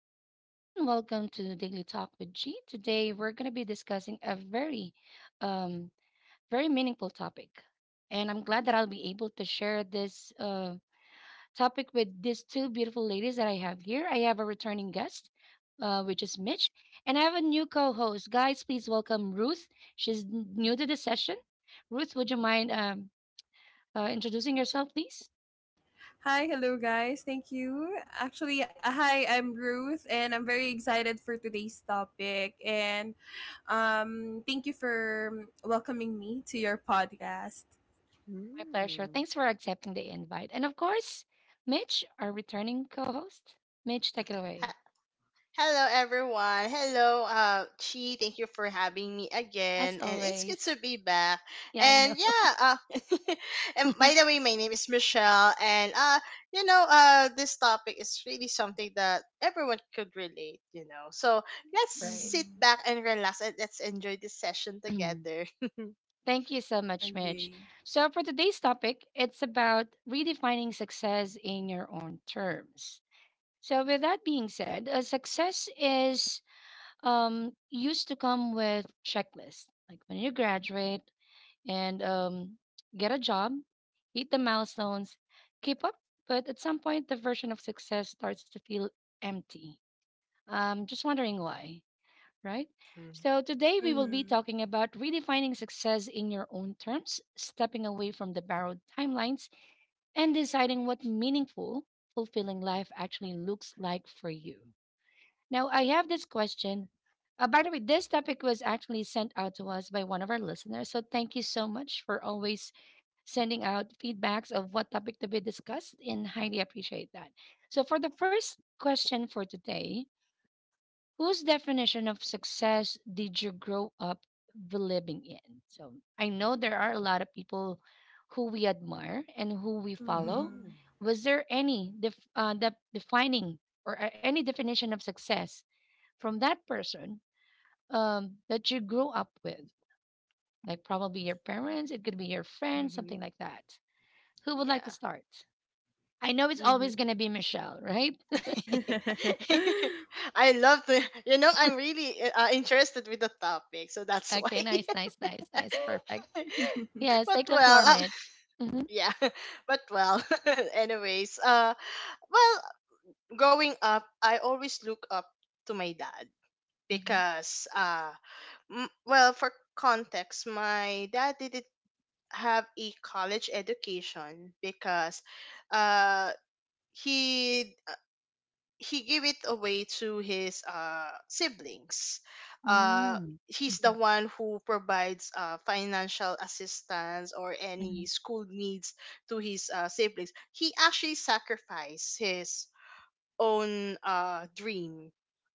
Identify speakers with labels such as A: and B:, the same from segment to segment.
A: morning, everyone. Welcome to Daily Talk with G. Today, we're going to be discussing a very, um, very meaningful topic. And I'm glad that I'll be able to share this topic with these two beautiful ladies that I have here. I have a returning guest, which is Mitch, and I have a new co host. Guys, please welcome Ruth. She's new to the session. Ruth, would you mind introducing yourself, please?
B: Hi, hello guys. Thank you. Actually, hi, I'm Ruth and I'm very excited for today's topic and thank you for welcoming me to your podcast.
A: My pleasure.
C: Mm.
A: Thanks for accepting the invite. And of course, Mitch, our returning co host. Mitch, take it
C: H-
A: away.
C: Hello, everyone. Hello, Chi. Thank you for having me
A: As
C: again, and it's good to
A: always.
C: be back.
A: Yeah, I know.
C: And yeah, and by the way, my name is Michelle, and this topic is really something that everyone could relate. You know, so let's
A: Right.
C: sit
B: Mhm.
C: back and relax, and let's enjoy this session together.
A: Thank you so much, Mitch.
B: Agree.
A: So, for today's topic, it's about redefining success in your own terms. So, with that being said, success is used to come with checklists. Like when you graduate, and get a job, hit the milestones, keep up. But at some point, the version of success starts to feel empty. Just wondering why, right?
C: mm
A: So today we will be
B: Mhm.
A: talking about redefining success in your own terms, stepping away from the borrowed timelines, and deciding what meaningful, fulfilling life actually looks like for you. Now, I have this question. By the way, this topic was actually sent out to us by one of our listeners. So thank you so much for always sending out feedbacks of what topic to be discussed, and highly appreciate that. So, for the first question for today, whose definition of success did you grow up believing in? So, I know there are a lot of people who we admire and who we follow.
B: Mhm.
A: Was there any defining or any definition of success from that person that you grew up with? Like probably your parents, it could be your friends, something
C: Mm-hmm.
A: like that. Who would like to
C: Yeah.
A: start? I know it's always going to be Michelle, right?
C: I love to, you know, I'm really interested with the topic, so that's why.
A: Okay, nice, nice, nice, nice. Perfect. Yes,
C: But
A: take the floor,
C: well,
A: Mitch. Mm-hmm,
C: yeah, but well, anyways, well, growing up, I always look up to my dad
A: mm-hmm.
C: because, well, for context, my dad didn't have a college education because, uh, he he gave it away to his siblings. Uh
A: Mm,
C: he's
A: mhm,
C: the one who provides financial assistance or
A: mhm,
C: any school needs to his siblings. He actually sacrificed his own dream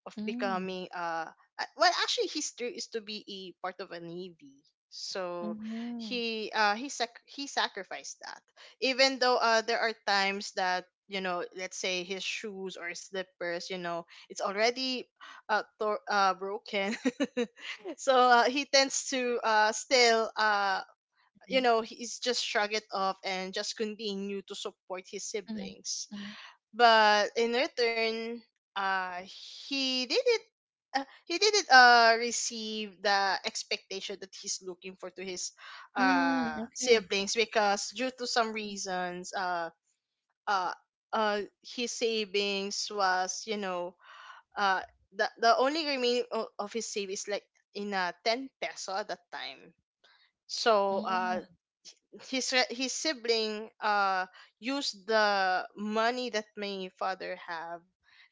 C: of
A: mm,
C: becoming well, actually his dream is to be a part of a navy, so
A: mhm,
C: he sacrificed that, even though there are times that, you know, let's say his shoes or slippers, you know, it's already broken. So he tends to still
A: mhm,
C: you know, he's just shrug it off and just continue to support his
A: mhm,
C: siblings.
A: mhm,
C: But in return, uh he didn't he didn't receive the expectation that he's looking for to his
A: Mm, Okay.
C: siblings, because due to some
A: Mm,
C: reasons uh his savings was, you know, uh the only remaining of his savings, like in a 10 peso at that time. So
A: mm,
C: his sibling used the money that my father have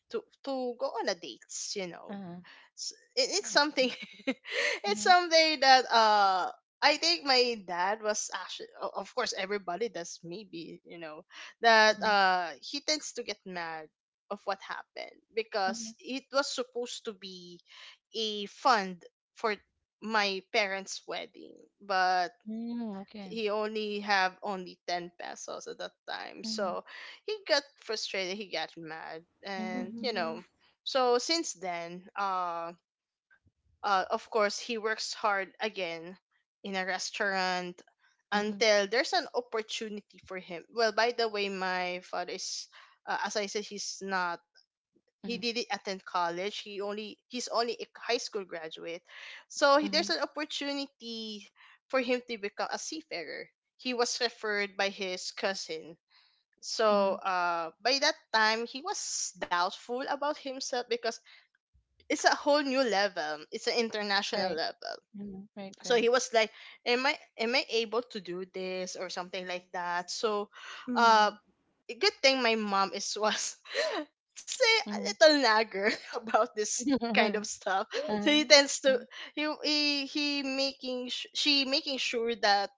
C: to go on a dates, you know.
A: uh-huh,
C: It, it's
A: I see.
C: something. It's
A: Mhm,
C: something that I think my dad was actually of course everybody does, maybe, you know, that
A: mhm,
C: he tends to get mad of what happened because
A: mhm,
C: it was supposed to be a fund for my parents wedding, but
A: mm, okay.
C: he only have only 10 pesos at that time.
A: Mhm,
C: So he got frustrated, he got mad,
A: mhm,
C: and you
A: mm,
B: Mhm.
C: know, so since then, of course he works hard again in a restaurant
A: mhm,
C: until there's an opportunity for him. Well, by the way, my father is as I said, he's not, he
A: mhm,
C: didn't attend college, he only, he's only a high school graduate. So he, there's
A: mhm,
C: an opportunity for him to become a seafarer. He was referred by his cousin. So
A: mhm.
C: by that time he was doubtful about himself because it's a whole new level, it's an international
A: Right.
C: level.
A: Mhm, right,
C: So
A: right.
C: he was like, am I able to do this, or something like that. So uh
B: Mhm.
C: good thing my mom is, was say a
A: Mhm.
C: little nagger about this kind of stuff. So
A: Uh-huh,
C: he tends
A: uh-huh,
C: to she making sure that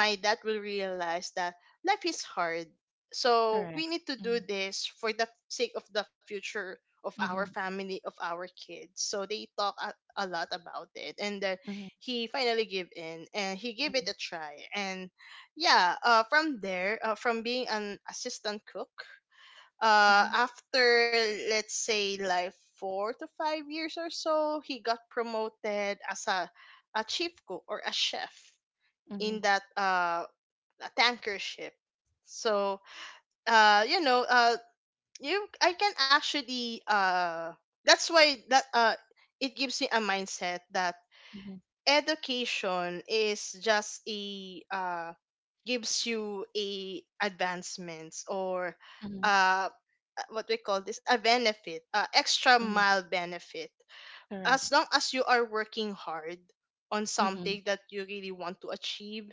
C: my dad will realize that life is hard. So
A: correct.
C: we need to do
A: Mm,
C: this for the sake of the future of our
A: mhm,
C: family, of our kids. So they talk a lot about it. And then
A: mhm,
C: he finally gave in and he gave it a try. And yeah, from there, from being an assistant cook,
A: mhm,
C: after let's say like 4 to 5 years or so, he got promoted as a chief cook or a chef in
A: mhm,
C: that a tanker ship. So you know you I can actually that's why that it gives me a mindset that
A: mhm,
C: education is just a gives you a advancements or
A: mhm,
C: uh, uh, what we call this, a benefit, extra
A: mhm.
C: mile benefit,
A: Correct.
C: as long as you are working hard on
A: Mhm,
C: something that you really want to achieve.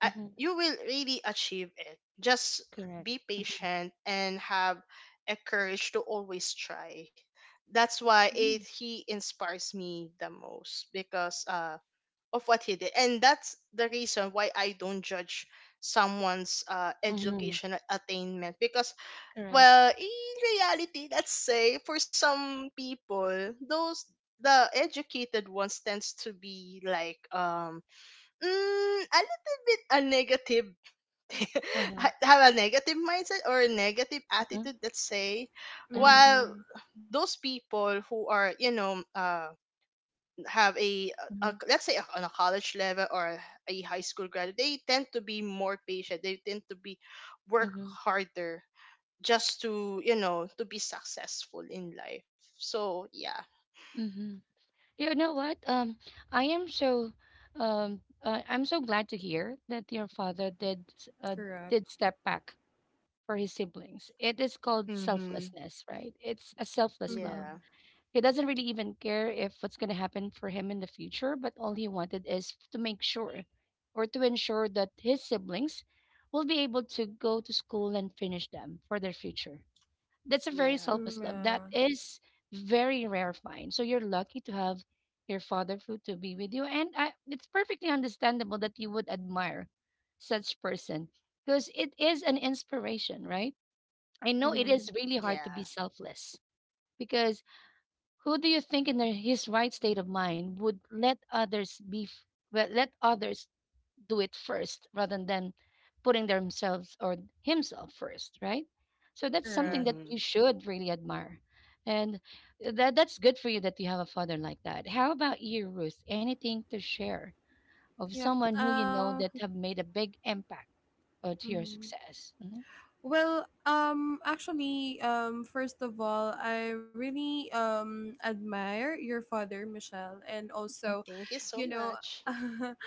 C: uh, you will really achieve it, just
A: Correct.
C: be
A: Mhm,
C: patient and have a courage to always try. That's why it
A: mhm,
C: he inspires me the most, because of what he did. And that's the reason why I don't judge someone's
A: mhm.
C: educational attainment, because
A: Correct.
C: well in reality, let's say for some people, those the educated ones tends to be like a little bit a negative.
A: Uh-huh,
C: Have a negative mindset or a negative
A: uh-huh,
C: attitude, let's say,
A: uh-huh,
B: Mhm.
C: while those people who are, you know, have a,
A: uh-huh,
C: let's say, on a college level or a high school graduate, they tend to be more patient, they tend to be work
A: uh-huh,
C: harder just to, you know, to be successful in life. So yeah.
A: uh-huh. You know what? I am so, I'm so glad to hear that your father did,
B: Correct.
A: did step back for his siblings. It is called
C: Mm-hmm.
A: selflessness, right? It's a selfless
C: Yeah,
B: Mhm.
A: love. He doesn't really even care if what's going to happen for him in the future, but all he wanted is to make sure or to ensure that his siblings will be able to go to school and finish them for their future. That's a very
C: yeah,
A: selfless love.
B: Yeah.
A: That is very rare find. So you're lucky to have your father who to be with you, and it's perfectly understandable that you would admire such person because it is an inspiration, right? I know it
B: Mhm.
A: is really hard to
C: yeah.
A: be selfless because who do you think in his right state of mind would let others be well, let others do it first rather than putting themselves or himself first, right? So that's something that
B: Correct.
C: Mm-hmm.
A: you should really admire. And that's good for you that you have a father like that. How about you, Ruth? Anything to share of
B: Yep.
A: someone who you know that have made a big impact to your
B: Mhm.
A: success? Mhm,
B: Well, actually, first of all, I really admire your father, Michelle, and also,
C: Thank you so
B: you know,
C: much.
B: and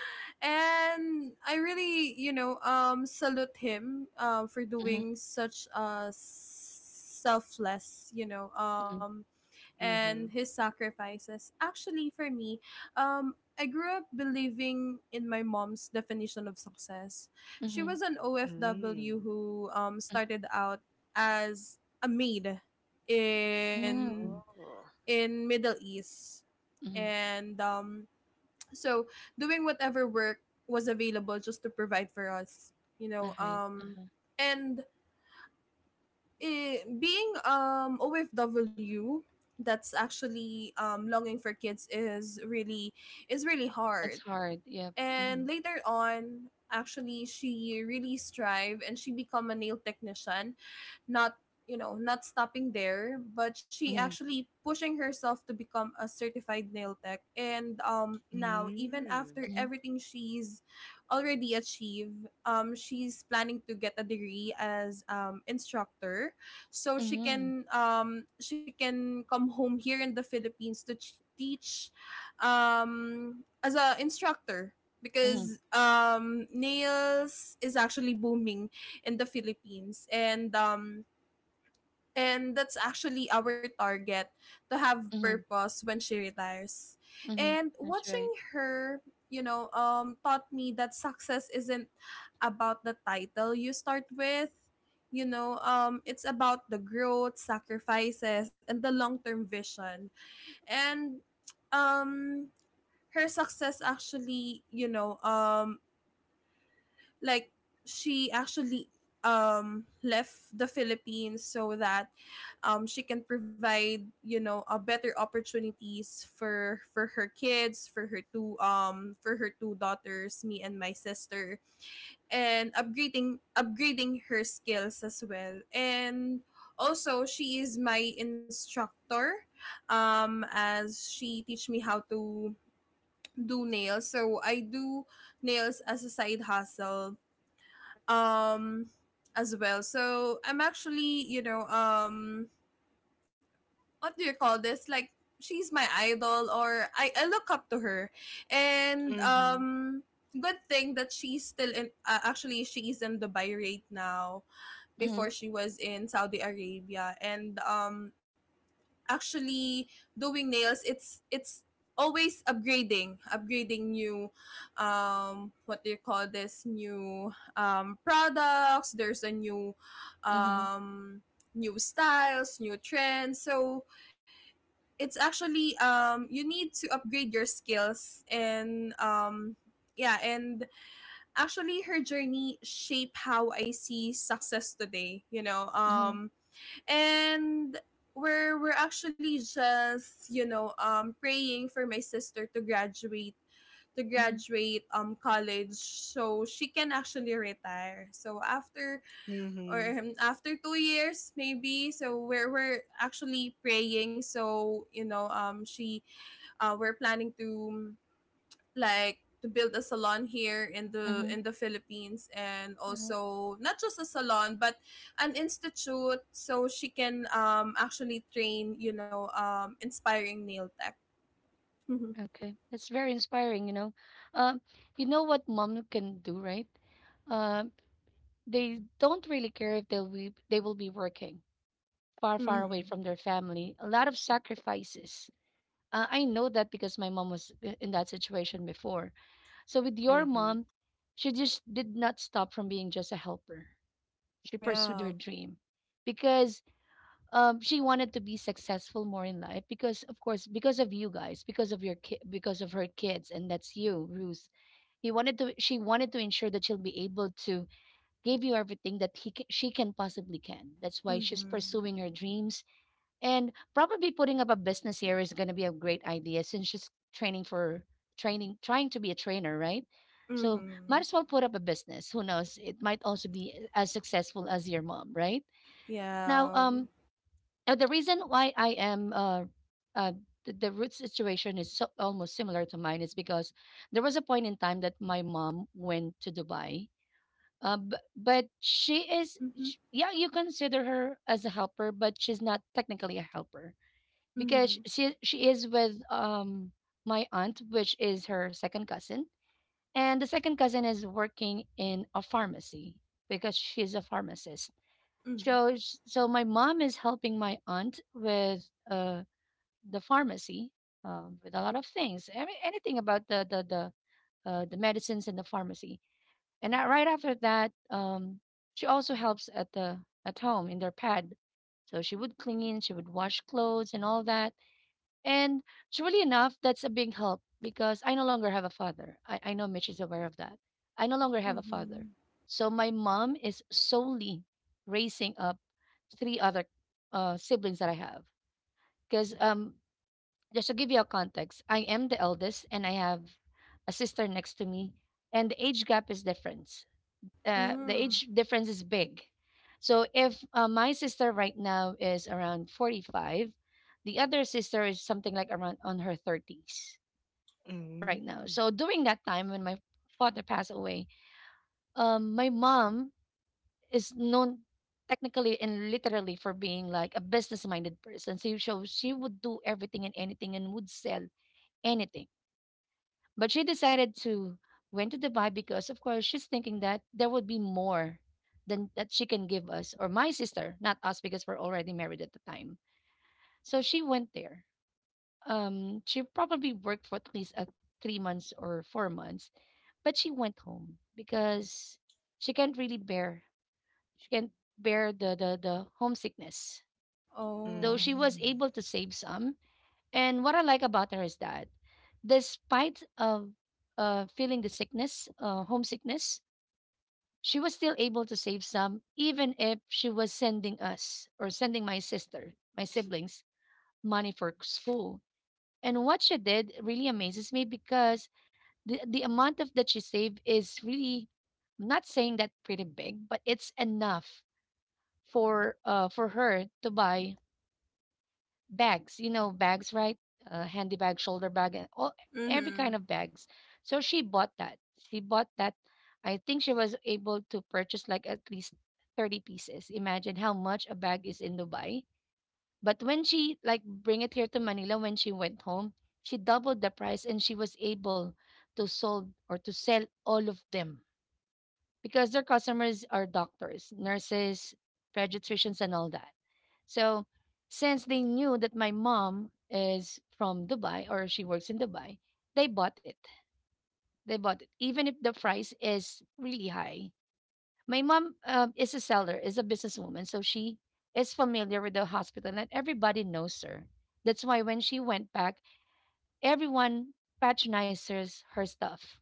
B: I really, salute him, for
A: mhm,
B: doing such a selfless,
A: mhm,
C: Mm-hmm.
B: and his sacrifices. Actually, for me, I grew up believing in my mom's definition of success.
A: mhm,
B: She
A: mhm,
B: was an
C: Mm.
B: OFW who started out as a maid
A: mhm,
B: in
A: mhm,
C: Oh.
B: Middle East,
A: mhm.
B: and so doing whatever work was available just to provide for us, you know.
A: Okay.
B: Um,
A: Uh-huh.
B: and being OFW that's actually longing for kids is really
A: It's
B: hard.
A: hard. Yep.
B: And later on, actually she really strive and she become a nail technician, not not stopping there, but she
A: Mhm,
B: actually pushing herself to become a certified nail tech. And now, even
C: Mm.
B: after
A: mhm,
B: everything she's already achieved, she's planning to get a degree as instructor so she
A: mhm,
B: can um she can come home here in the Philippines to teach as a instructor
A: mhm,
B: because nails is actually booming in the Philippines. And that's actually our target, to have
A: mhm,
B: purpose when she retires.
A: mhm.
B: And
A: That's
B: watching
A: right.
B: her, taught me that success isn't about the title you start with. You know, it's about the growth, sacrifices and the long-term vision. And um her success actually, like she actually left the Philippines so that she can provide, a better opportunities for her kids, for her two daughters, me and my sister, and upgrading her skills as well. And also she is my instructor, as she teach me how to do nails, so I do nails as a side hustle, um as well. So I'm actually, what do you call this, like, she's my idol, or I look up to her. And
C: Mm-hmm.
B: Good thing that she's still in, actually she is in Dubai right now. Before
A: Mhm,
B: she was in Saudi Arabia. And Actually doing nails, it's always upgrading new, what do you call this, new, products. There's a new,
A: mhm,
B: um styles, new trends. So it's actually, you need to upgrade your skills. And yeah. And actually her journey shape how I see success today,
A: mhm,
B: and we're actually just, praying for my sister to graduate,
A: mhm,
B: college, so she can actually retire. So after,
C: Mm-hmm.
B: or after 2 years maybe. So we're actually praying, so, you know she we're planning to, to build a salon here in the
A: mhm,
B: in the Philippines. And
A: huh.
B: also not just a salon but an institute, so she can, actually train, inspiring nail tech. Mm-hmm.
A: Okay, that's very inspiring. Um, you know what mom can do, right? Um, they don't really care if they will be working far, far away
B: Mm-hmm.
A: from their family. A lot of sacrifices. I know that because my mom was in that situation before. So with your
C: Mm-hmm.
A: mom, she just did not stop from being just a helper. She pursued her
B: Yeah.
A: dream because she wanted to be successful more in life, because of course, because of you guys, because of your because of her kids. And that's you, Ruth. He wanted to She wanted to ensure that she'll be able to give you everything that she can possibly can. That's why she's
B: Mm-hmm.
A: pursuing her dreams, and probably putting up a business here is going to be a great idea since she's training for training, trying to be a trainer, right? So might
B: Mm-hmm.
A: as well put up a business. Who knows, it might also be as successful as your mom, right? Now
B: Yeah.
A: now, the reason why I am uh, the root situation is so, almost similar to mine, is because there was a point in time that my mom went to Dubai. But she is,
B: Mm-hmm.
A: sh yeah, you consider her as a helper, but she's not technically a helper, because
B: Mm-hmm.
A: she is with my aunt, which is her second cousin, and the second cousin is working in a pharmacy because she's a pharmacist.
B: Mm-hmm.
A: So my mom is helping my aunt with the pharmacy with a lot of things. I mean, anything about the the medicines in the pharmacy. And right after that, she also helps at the at home in their pad. So she would clean, she would wash clothes and all that. And truly enough, that's a big help because I no longer have a father. I know Mitch is aware of that. I no longer have a father.
B: Mm-hmm.
A: So my mom is solely raising up three other siblings that I have. Because just to give you a context, I am the eldest and I have a sister next to me, and the age gap is different, the
B: Mm.
A: age difference is big. So if my sister right now is around 45, the other sister is something like around on her 30s right now.
C: Mm.
A: So during that time when my father passed away, my mom is known technically and literally for being like a business minded person. So she would do everything and anything and would sell anything. But she decided to went to Dubai because, of course, she's thinking that there would be more than that she can give us or my sister, not us, because we're already married at the time. So she went there. She probably worked for at least 3 months or 4 months, but she went home because she can't really bear she can't bear the homesickness.
B: Oh.
A: Though she
C: Mm.
A: was able to save some, and what I like about her is that, despite of feeling the sickness, homesickness, she was still able to save some, even if she was sending us or sending my sister, my siblings, money for school. And what she did really amazes me because the amount of that she saved is really, I'm not saying that pretty big, but it's enough for her to buy bags, you know, bags, right? Handy bag, shoulder bag, and all every
B: Mm-hmm.
A: kind of bags. So she bought that. She bought that. I think she was able to purchase like at least 30 pieces. Imagine how much a bag is in Dubai. But when she like bring it here to Manila when she went home, she doubled the price and she was able to sold or to sell all of them, because their customers are doctors, nurses, pediatricians and all that. So since they knew that my mom is from Dubai or she works in Dubai, they bought it. They bought it, even if the price is really high. My mom is a seller, is a businesswoman, so she is familiar with the hospital, and everybody knows her. That's why when she went back, everyone patronizes her stuff.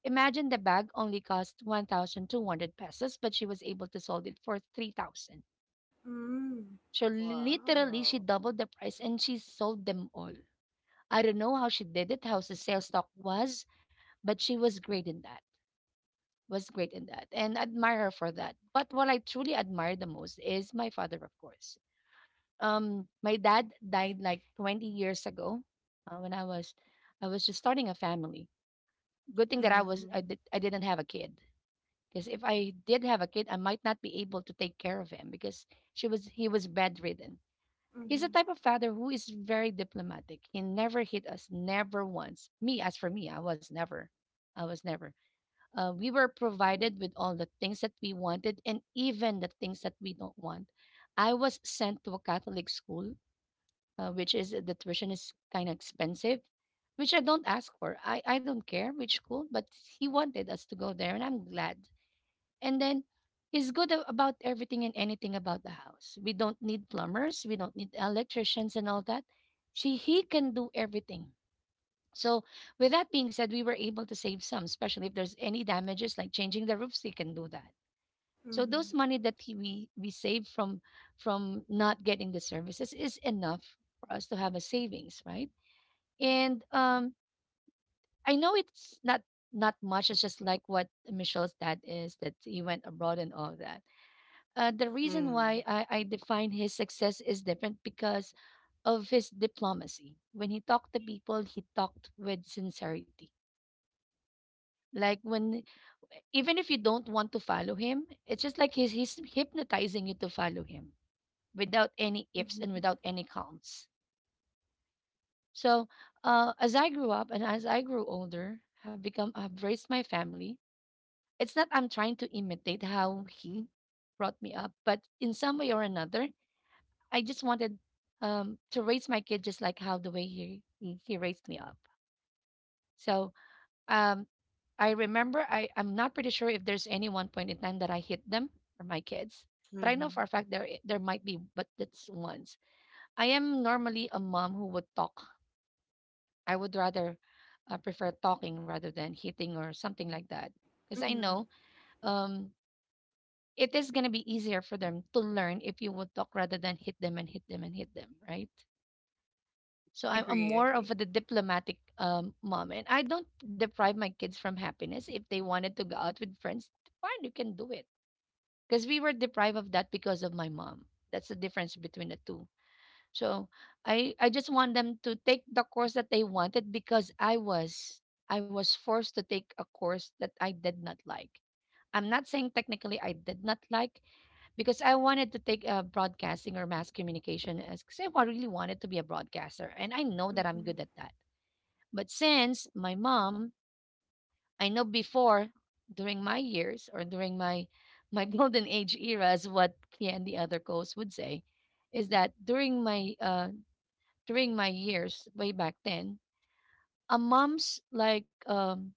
A: Imagine the bag only cost 1,200 pesos, but she was able to sold it for 3,000.
B: Mm.
A: So literally, she
C: Wow.
A: doubled the price and she sold them all. I don't know how she did it, how the sales talk was, but she was great in that. Was great in that, and admire her for that. But what I truly admire the most is my father, of course. My dad died like 20 years ago, when I was just starting a family. Good thing that
C: Mm.
A: I didn't have a kid. Because if I did have a kid, I might not be able to take care of him because he was bedridden. He's the
B: Mm-hmm.
A: type of father who is very diplomatic. He never hit us, never once. Me, as for me, I was never. I was never. We were provided with all the things that we wanted and even the things that we don't want. I was sent to a Catholic school, which is the tuition is kind of expensive, which I don't ask for. I don't care which school, but he wanted us to go there, and I'm glad. And then he's good about everything and anything about the house. We don't need plumbers, we don't need electricians and all that. She He can do everything. So with that being said, we were able to save some, especially if there's any damages like changing the roofs, he can do that. So those
B: Mm-hmm.
A: money that we save from not getting the services is enough for us to have a savings, right? And I know it's not much. It's just like what Michelle's dad is that he went abroad and all that, the reason
C: Mm.
A: why I define his success is different because of his diplomacy. When he talked to people, he talked with sincerity. Like when, even if you don't want to follow him, it's just like he's hypnotizing you to follow him without any ifs and
B: Mm-hmm.
A: without any counts. So as I grew up and as I grew older, have raised my family. It's not I'm trying to imitate how he brought me up, but in some way or another, I just wanted to raise my kid just like how the way he raised me up. So um I remember I'm not pretty sure if there's any one point in time that I hit them or my kids. But I know
C: Mhm.
A: for a fact there might be, but that's once. I am normally a mom who would talk. I would rather prefer talking rather than hitting or something like that. Because I
B: Mm-hmm.
A: know um, it is going to be easier for them to learn if you would talk rather than hit them and hit them and hit them, right? So I'm
B: Agree,
A: more of
B: agree.
A: a, the diplomatic mom, and I don't deprive my kids from happiness. If they wanted to go out with friends, fine, you can do it. Because we were deprived of that because of my mom. That's the difference between the two. So I just want them to take the course that they wanted because I was forced to take a course that I did not like. I'm not saying technically I did not like, because I wanted to take broadcasting or mass communication as because I really wanted to be a broadcaster, and I know that I'm
B: Mm-hmm.
A: good at that. But since my mom, I know before during my years or during my my golden age era, is what Thea and the other co-hosts would say, is that during my years way back then, a mom's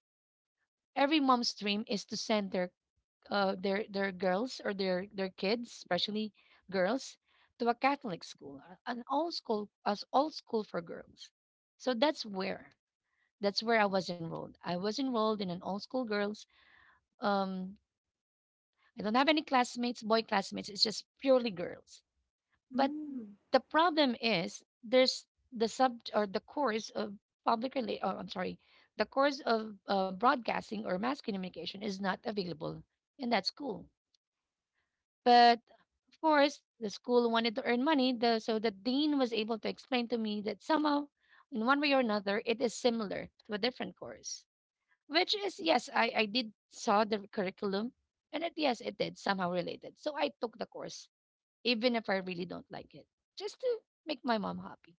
A: every mom's dream is to send their girls or their kids, especially girls, to a Catholic school, an all school as all school for girls. So that's where I was enrolled. I was enrolled in an all school girls. Um, I don't have any classmates, boy classmates. It's just purely girls. But
B: Mm.
A: the problem is there's the sub or the course of public relate. Oh, I'm sorry. The course of broadcasting or mass communication is not available in that school. But of course, the school wanted to earn money, so the dean was able to explain to me that somehow, in one way or another, it is similar to a different course. Which is yes, I did saw the curriculum, and yes, it did somehow related. So I took the course, even if I really don't like it, just to make my mom happy.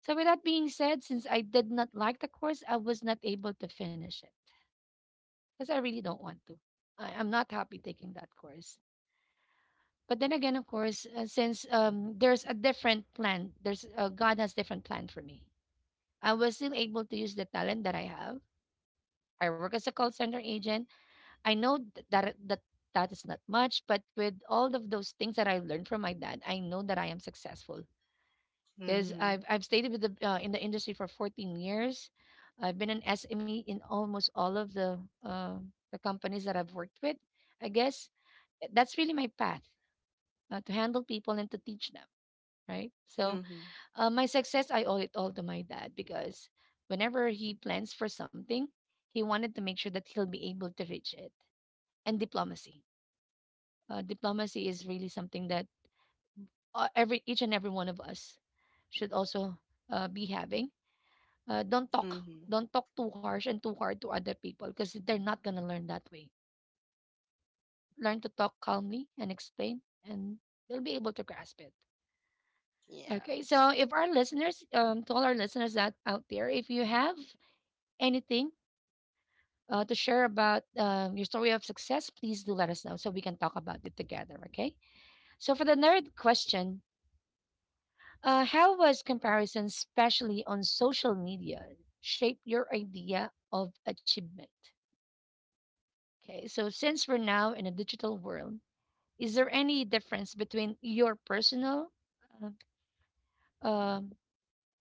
A: So with that being said, since I did not like the course, I was not able to finish it because I really don't want to. I'm not happy taking that course. But then again, of course, since there's a different plan, there's God has different plan for me. I was still able to use the talent that I have. I work as a call center agent. I know that that is not much, but with all of those things that I learned from my dad, I know that I am successful because
C: Mhm.
A: I've stayed with the in the industry for 14 years. I've been an SME in almost all of uh, the companies that I've worked with. I guess that's really my path to handle people and to teach them, right? So
C: Mhm.
A: my success, I owe it all to my dad because whenever he plans for something, he wanted to make sure that he'll be able to reach it. And diplomacy, diplomacy is really something that every each and every one of us should also be having. Don't talk,
C: Mhm.
A: don't talk too harsh and too hard to other people because they're not gonna learn that way. Learn to talk calmly and explain, and they'll be able to grasp it.
C: Yeah.
A: Okay, so if our listeners, to all our listeners that out there, if you have anything to share about your story of success, please do let us know so we can talk about it together. Okay. So for the nerd question, how was comparison, especially on social media, shape your idea of achievement? Okay. So since we're now in a digital world, is there any difference between your personal uh, um,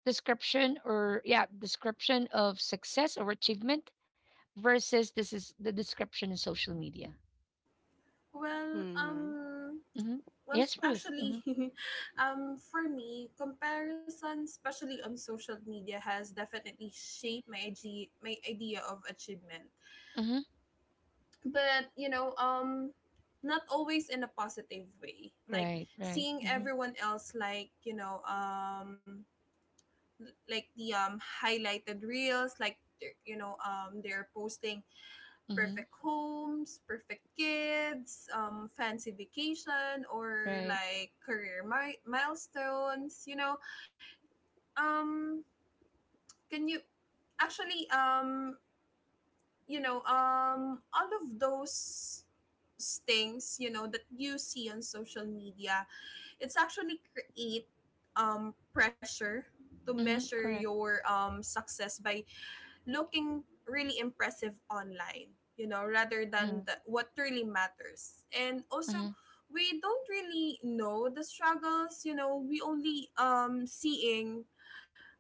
A: description or yeah description of success or achievement versus this is the description in social media?
B: Well,
C: Mhm.
B: um,
A: Mm-hmm.
B: well,
A: Yes, Ruth.
B: actually,
A: Mm-hmm.
B: for me, comparison, especially on social media, has definitely shaped my my idea of achievement.
A: Mm-hmm.
B: But you know, not always in a positive way. Like
A: Right, right.
B: seeing
A: Mm-hmm.
B: everyone else, like the highlighted reels, like they're posting
A: Mm-hmm.
B: perfect homes, perfect kids, fancy vacation, or
A: Right.
B: like career milestones. Um, can you actually, all of those things, that you see on social media, it's actually create pressure to
A: Mm-hmm.
B: measure
A: Correct.
B: your success by looking really impressive online, rather than
A: Mm-hmm.
B: the, what really matters. And also,
A: Mm-hmm.
B: we don't really know the struggles,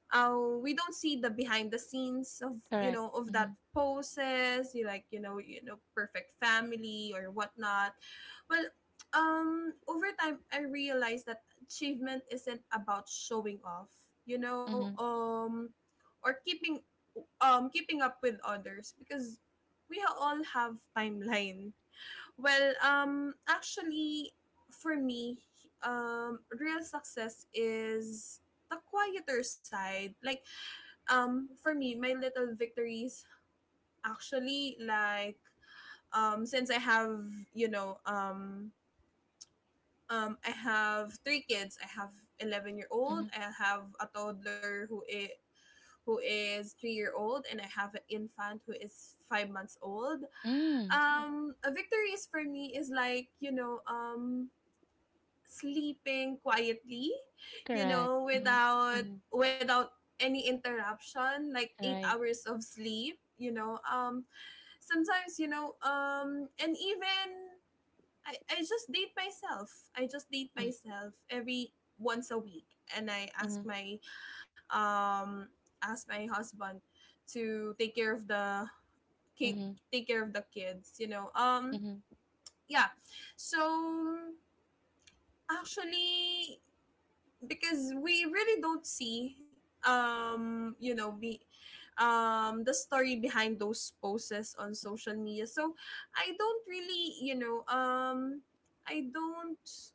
B: uh, we don't see the behind the scenes of,
A: Correct.
B: that
A: Mm-hmm.
B: poses, you, like you know perfect family or whatnot. Well, over time I realized that achievement isn't about showing off, you know
A: Mm-hmm.
B: um or keeping, up with others, because we all have timeline. Well, actually, for me, real success is the quieter side. Like, for me, my little victories, actually, like, since you know, um, I have three kids. I have 11-year old.
A: Mm-hmm.
B: I have a toddler who is 3-year old, and I have an infant who is 5 months old.
A: Mm-hmm.
B: A victory is for me is like, sleeping quietly,
A: Correct. Mm-hmm.
B: without
A: Mm-hmm.
B: without any interruption, like eight
A: Right.
B: hours of sleep. Sometimes, and even I just date myself. I just date
A: Mm-hmm.
B: myself every once a week, and I ask
A: Mm-hmm.
B: my, um husband to take care of the take
A: Mm-hmm.
B: take care of the kids.
A: Mm-hmm.
B: Yeah. So actually, because we really don't see, you know be the story behind those posts on social media. So i don't really you know um I don't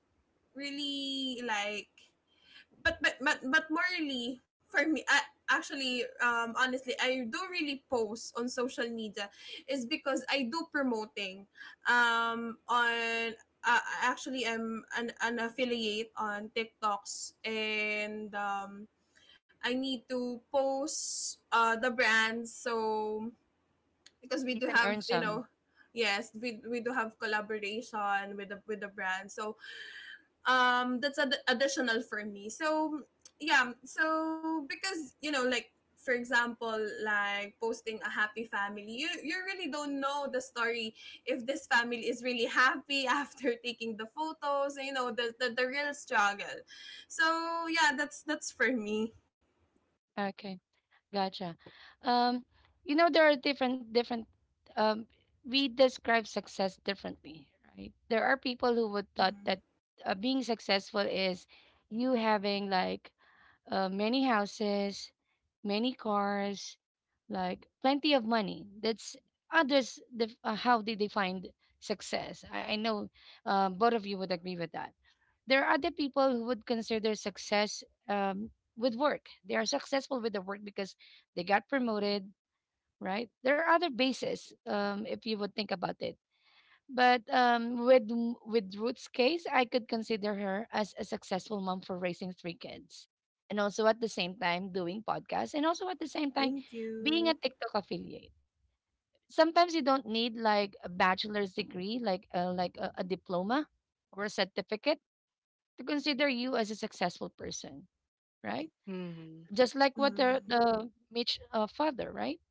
B: really, like, but morally for me, I, actually, honestly I do really post on social media, is because I do promoting, on, uh, actually I'm an affiliate on TikToks, and I need to post, the brands. So because we
A: You
B: do
A: can earn
B: have, you
A: some.
B: know, yes, we do have collaboration with the brand. So that's additional for me. So yeah. So because, you know, like, for example, like posting a happy family, you really don't know the story, if this family is really happy after taking the photos, you know, the real struggle. So yeah, that's for me.
A: Okay. Gotcha. Um, you know, there are different, um, we describe success differently, right? There are people who would thought
B: Mm-hmm.
A: that being successful is you having like many houses, many cars, like plenty of money. That's others how they define success. I know both of you would agree with that. There are other people who would consider success with work. They are successful with the work because they got promoted, right? There are other bases if you would think about it. But with with Ruth's case, I could consider her as a successful mom for raising three kids, and also at the same time doing podcasts, and also at the same time
B: Thank
A: being
B: you.
A: a TikTok affiliate. Sometimes you don't need like a bachelor's degree, like a diploma or a certificate to consider you as a successful person, right?
C: Mhm.
A: Just like what
B: Mm-hmm.
A: the Mitch father, right?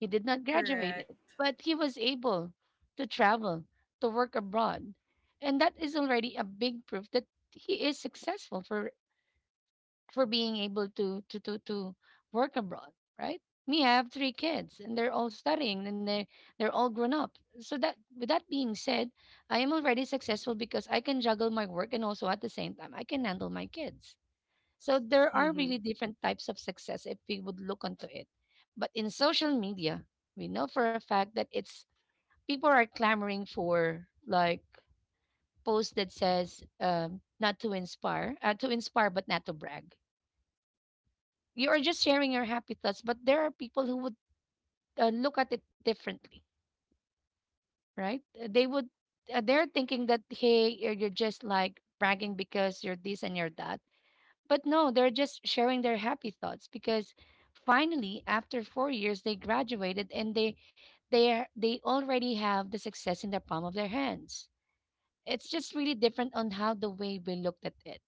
A: He did not graduate it,
B: Correct.
A: but he was able to travel, to work abroad. And that is already a big proof that he is successful for being able to work abroad, right? Me, I have three kids and they're all studying and they they're all grown up. So that with that being said, I am already successful because I can juggle my work and also at the same time I can handle my kids so there are really
C: Mhm.
A: different types of success if we would look onto it. But in social media, we know for a fact that it's people are clamoring for like post that says not to inspire, to inspire but not to brag. You are just sharing your happy thoughts, but there are people who would look at it differently, right? They would they're thinking that hey, you're just like bragging because you're this and you're that. But no, they're just sharing their happy thoughts because finally, after four years, they graduated and they already have the success in the palm of their hands. It's just really different on how the way we looked at it,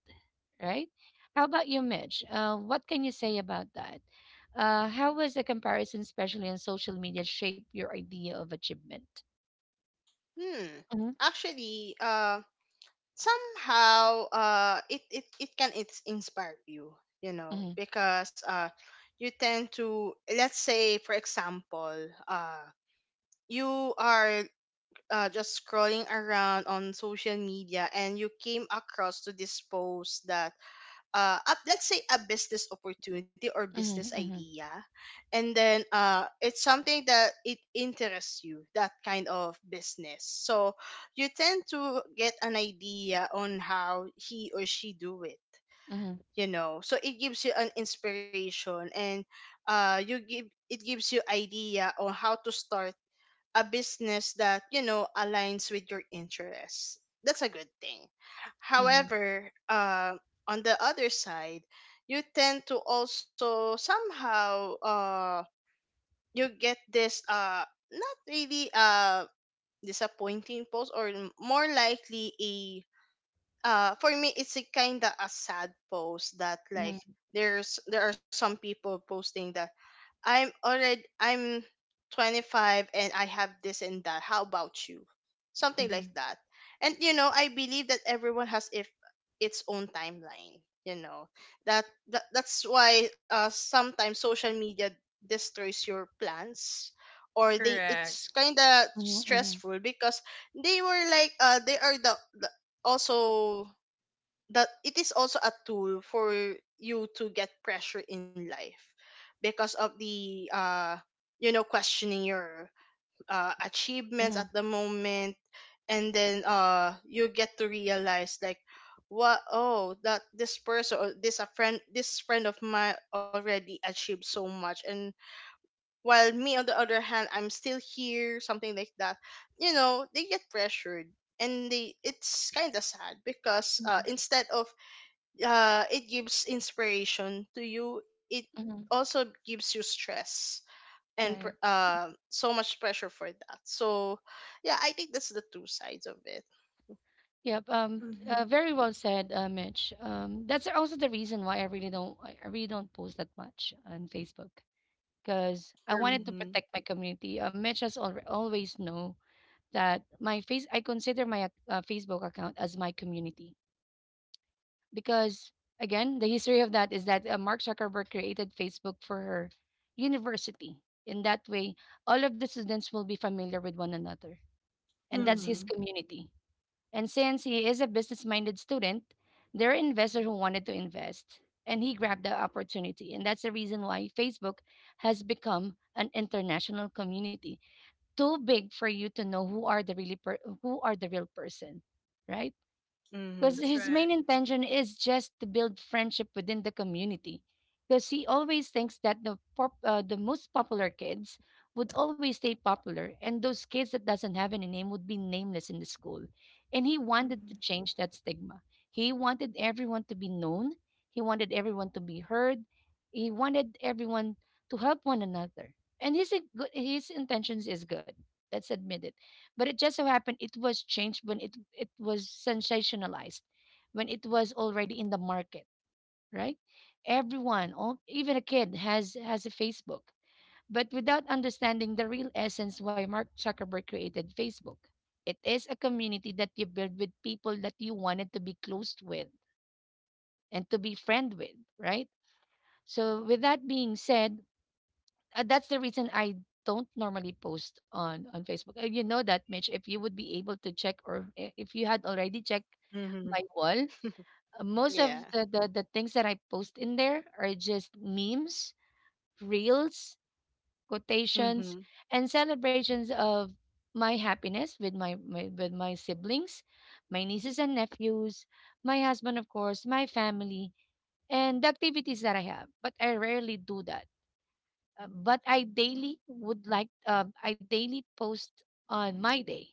A: right? How about you, Mitch? What can you say about that? How was the comparison, especially on social media, shape your idea of achievement?
C: Hmm.
A: Mm-hmm,
C: Actually, somehow, it it it can it's inspire you, you know,
A: mm-hmm,
C: because you tend to, let's say, for example, uh, you are just scrolling around on social media and you came across to this post that let's say a business opportunity or business
A: mm-hmm,
C: idea, and then it's something that it interests you, that kind of business. So you tend to get an idea on how he or she do it,
A: mm-hmm,
C: you know, so it gives you an inspiration, and you give it gives you idea on how to start a business that, you know, aligns with your interests. That's a good thing.
A: mm-hmm,
C: However, on the other side, you tend to also somehow you get this, not really disappointing post, or more likely a, for me it's a kind of a sad post, that like
A: mm-hmm,
C: there's, there are some people posting that, I'm already I'm 25 and I have this and that. How about you? Something
A: mm-hmm,
C: like that. And you know, I believe that everyone has if its own timeline, you know. That, that's why sometimes social media destroys your plans, or they
B: Correct.
C: it's kind of
A: mm-hmm,
C: stressful, because they were like, they are the also that it is also a tool for you to get pressure in life, because of the you know, questioning your achievements
A: mm-hmm,
C: at the moment. And then you get to realize like, what, oh, that this person or this a friend, this friend of mine already achieved so much, and while me on the other hand, I'm still here, something like that. You know, they get pressured, and they it's kind of sad, because
A: mm-hmm,
C: instead of it gives inspiration to you, it also gives you stress and
A: mm-hmm.
C: so much pressure for that. So yeah, I think that's the two sides of it.
A: Yep.
B: Mm-hmm.
A: Very well said, Mitch. That's also the reason why I really don't. I really don't post that much on Facebook because I
B: True.
A: wanted to
C: Mhm.
A: protect my community. Mitch has always know that my face. I consider my Facebook account as my community because again, the history of that is that Mark Zuckerberg created Facebook for her university. In that way, all of the students will be familiar with one another, and that's his
B: Mm-hmm.
C: Mhm.
A: community. And since he is a business minded student, there are investors who wanted to invest, and he grabbed the opportunity. And that's the reason why Facebook has become an international community, too big for you to know who are who are the real person, right? Because
C: Mhm.
B: That's
A: his
B: right.
A: main intention is just to build friendship within the community. Because he always thinks that the most popular kids would always stay popular, and those kids that doesn't have any name would be nameless in the school. And he wanted to
B: Mm-hmm.
A: change that stigma. He wanted everyone to be known. He wanted everyone to be heard. He wanted everyone to help one another. And his intentions is good. Let's admit it. But it just so happened it was changed when it was sensationalized, when it was already in the market, right? Everyone, all, even a kid, has a Facebook. But without understanding the real essence why Mark Zuckerberg created Facebook, it is a community that you build with people that you wanted to be close with and to be friend with, right? So with that being said, that's the reason I don't normally post on Facebook. You know that, Mitch. If you would be able to check, or if you had already checked
C: Mhm.
A: my wall, most of
C: Yeah.
A: the things that I post in there are just memes, reels, quotations,
C: Mhm.
A: and celebrations of my happiness with my, my with my siblings, my nieces and nephews, my husband, of course, my family, and the activities that I have. But I rarely do that. But I daily post on my day.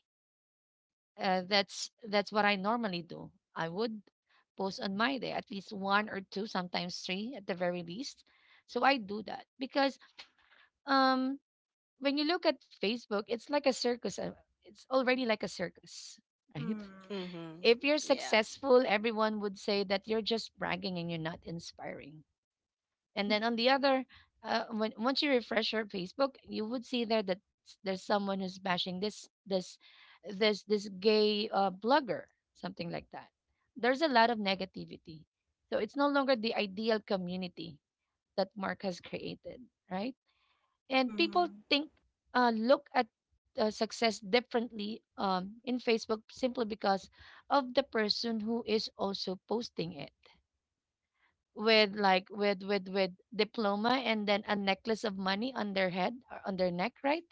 A: That's what I normally do. I would post on my day at least one or two, sometimes three at the very least. So I do that because um, when you look at Facebook, it's like a circus. It's already like a circus, right?
B: Mm-hmm.
C: Mhm.
A: If you're
C: Yeah.
A: successful, everyone would say that you're just bragging and you're not inspiring. And then on the other, when once you refresh your Facebook, you would see there that there's someone who's bashing this gay blogger, something like that. There's a lot of negativity, so it's no longer the ideal community that Mark has created, right? And people
B: Mm-hmm.
A: think, look at success differently, in Facebook, simply because of the person who is also posting it with, like, with diploma and then a necklace of money on their head, on their neck, right?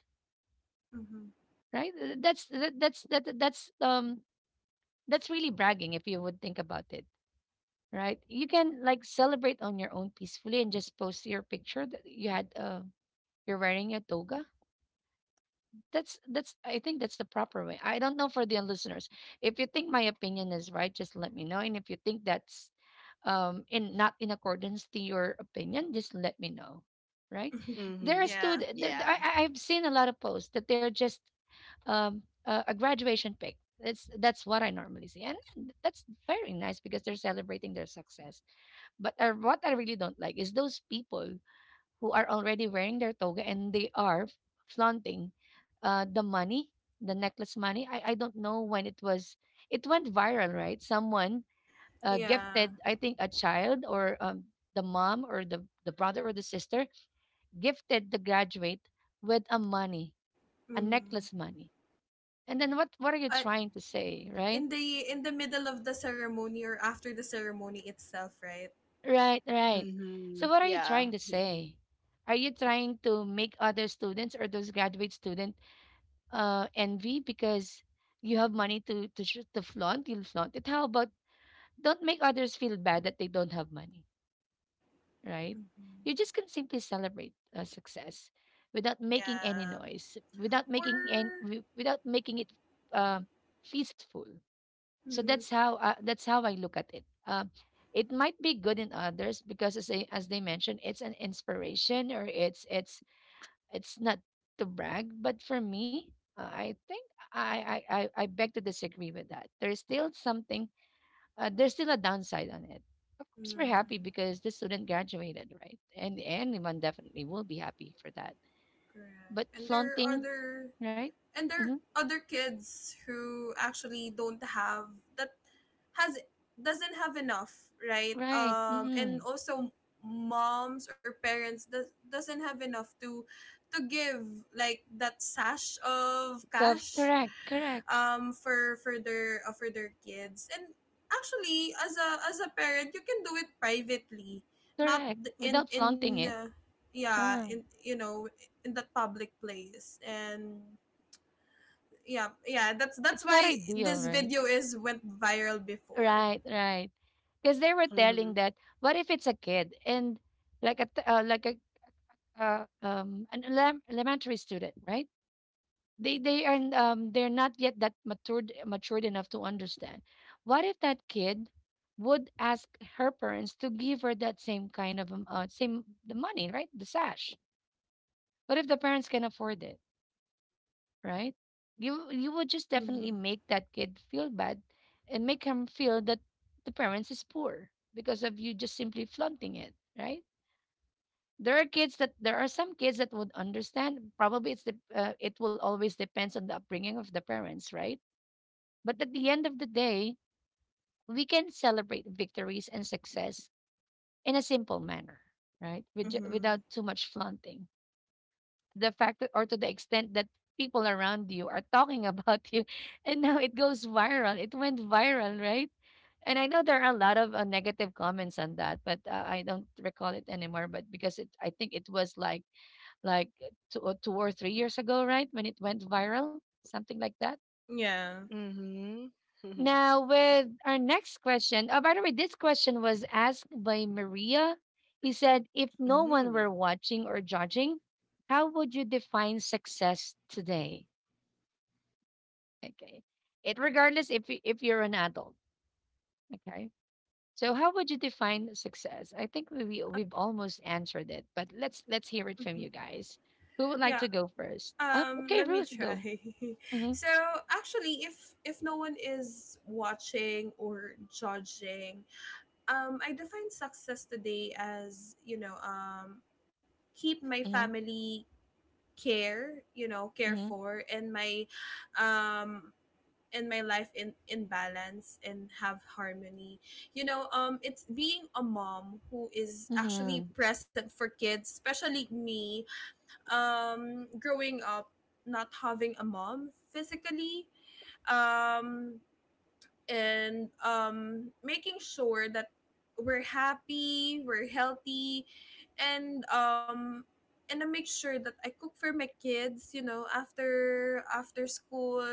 B: Mhm.
A: right Uh, that's that, that's that that- that's um that's really bragging if you would think about it, right? You can, like, celebrate on your own peacefully and just post your picture that you had, you're wearing a toga. That's I think that's the proper way. I don't know, for the listeners, if you think my opinion is right, just let me know, and if you think that's, in not in accordance to your opinion, just let me know, right? There are
C: Mhm.
B: Yeah.
A: students. I,
C: Yeah.
A: I- have seen a lot of posts that they're just, a graduation pic. That's what I normally see, and that's very nice because they're celebrating their success, but what I really don't like is those people who are already wearing their toga and they are flaunting, the money, the necklace money. I don't know when it was, it went viral, right? Someone
B: Yeah.
A: gifted, I think, a child, or the mom, or the brother, or the sister, gifted the graduate with a money, a necklace
B: Mhm.
A: money, and then what are you
B: Uh,
A: trying to say, right?
B: in the middle of the ceremony, or after the ceremony itself, right?
A: Right, right.
C: Mhm.
A: So what are you
C: Yeah.
A: trying to say? Are you trying to make other students or those graduate student envy because you have money to flaunt? You'll flaunt it. How about, don't make others feel bad that they don't have money, right?
B: Mhm.
A: You just can simply celebrate success without making any
B: Yeah.
A: noise,
B: Or
A: without making it, uh, feastful. So
B: mm,
A: that's how uh, that's how I look at it. It might be good in others because, as they, mentioned, it's an inspiration, or it's, it's not to brag. But for me, I think, I beg to disagree with that. There's still a downside on it. Of course, we're happy
B: mm,
A: because the student graduated, right? And anyone definitely will be happy for that.
B: correct.
A: But
B: And there are
A: flaunting,
B: other
A: right?
B: and there are
A: Hmm.
B: other kids who actually don't have that, has doesn't have enough, right?
A: Right.
B: And
A: Mm-hmm.
B: also moms or parents doesn't have enough to give like that sash of cash,
A: Correct. Correct.
B: for their kids. And actually, as a parent, you can do it privately, not,
A: Correct.
B: th-
A: Without flaunting
B: in
A: it,
B: yeah,
A: uh,
B: in you know in that public place. And yeah, yeah, that's
A: it's
B: that's
A: not
B: why
A: ideal,
B: this
A: right?
B: video is went viral before.
A: Right. Right. Because they were telling
C: Mhm.
A: that, what if it's a kid and, like a an elem- elementary student, right? They're not yet that matured enough to understand. What if that kid would ask her parents to give her that same kind of, same, the money, right, the sash? What if the parents can afford it, right? You would just definitely
B: Mm-hmm.
A: make that kid feel bad and make him feel that the parents is poor because of you just simply flaunting it, right? There are some kids that would understand. Probably it's the it will always depends on the upbringing of the parents, right? But at the end of the day, we can celebrate victories and success in a simple manner, right? Without
B: Mm-hmm.
A: too much flaunting. The fact that, or to the extent that people around you are talking about you, and now it goes viral. It went viral, right? And I know there are a lot of negative comments on that, but I don't recall it anymore. But because I think it was like, like 2, or 2 or 3 years ago, right, when it went viral, something like that.
B: Yeah.
C: Mhm. Mhm.
A: Now, with our next question. Oh, by the way, this question was asked by Maria. He said, "If
C: Mhm.
A: no one
C: Mhm.
A: were watching or judging, how would you define success today?" Okay. It regardless if you're an adult. Okay. So how would you define success? I think we've almost answered it, but let's hear it
B: Hmm.
A: from you guys. Who would
B: Yeah.
A: like to go first? Okay,
B: Let me
A: Ruth,
B: try.
A: go. Mm-hmm,
B: So actually, if no one is watching or judging, I define success today as, keep my
A: mm-hmm,
B: family care you know care for, and my, um and my life in balance and have harmony. You know, it's being a mom who is actually
A: mm-hmm,
B: present for kids, especially me, growing up not having a mom physically, um and making sure that we're happy, we're healthy, and, I make sure that I cook for my kids. You know, after school,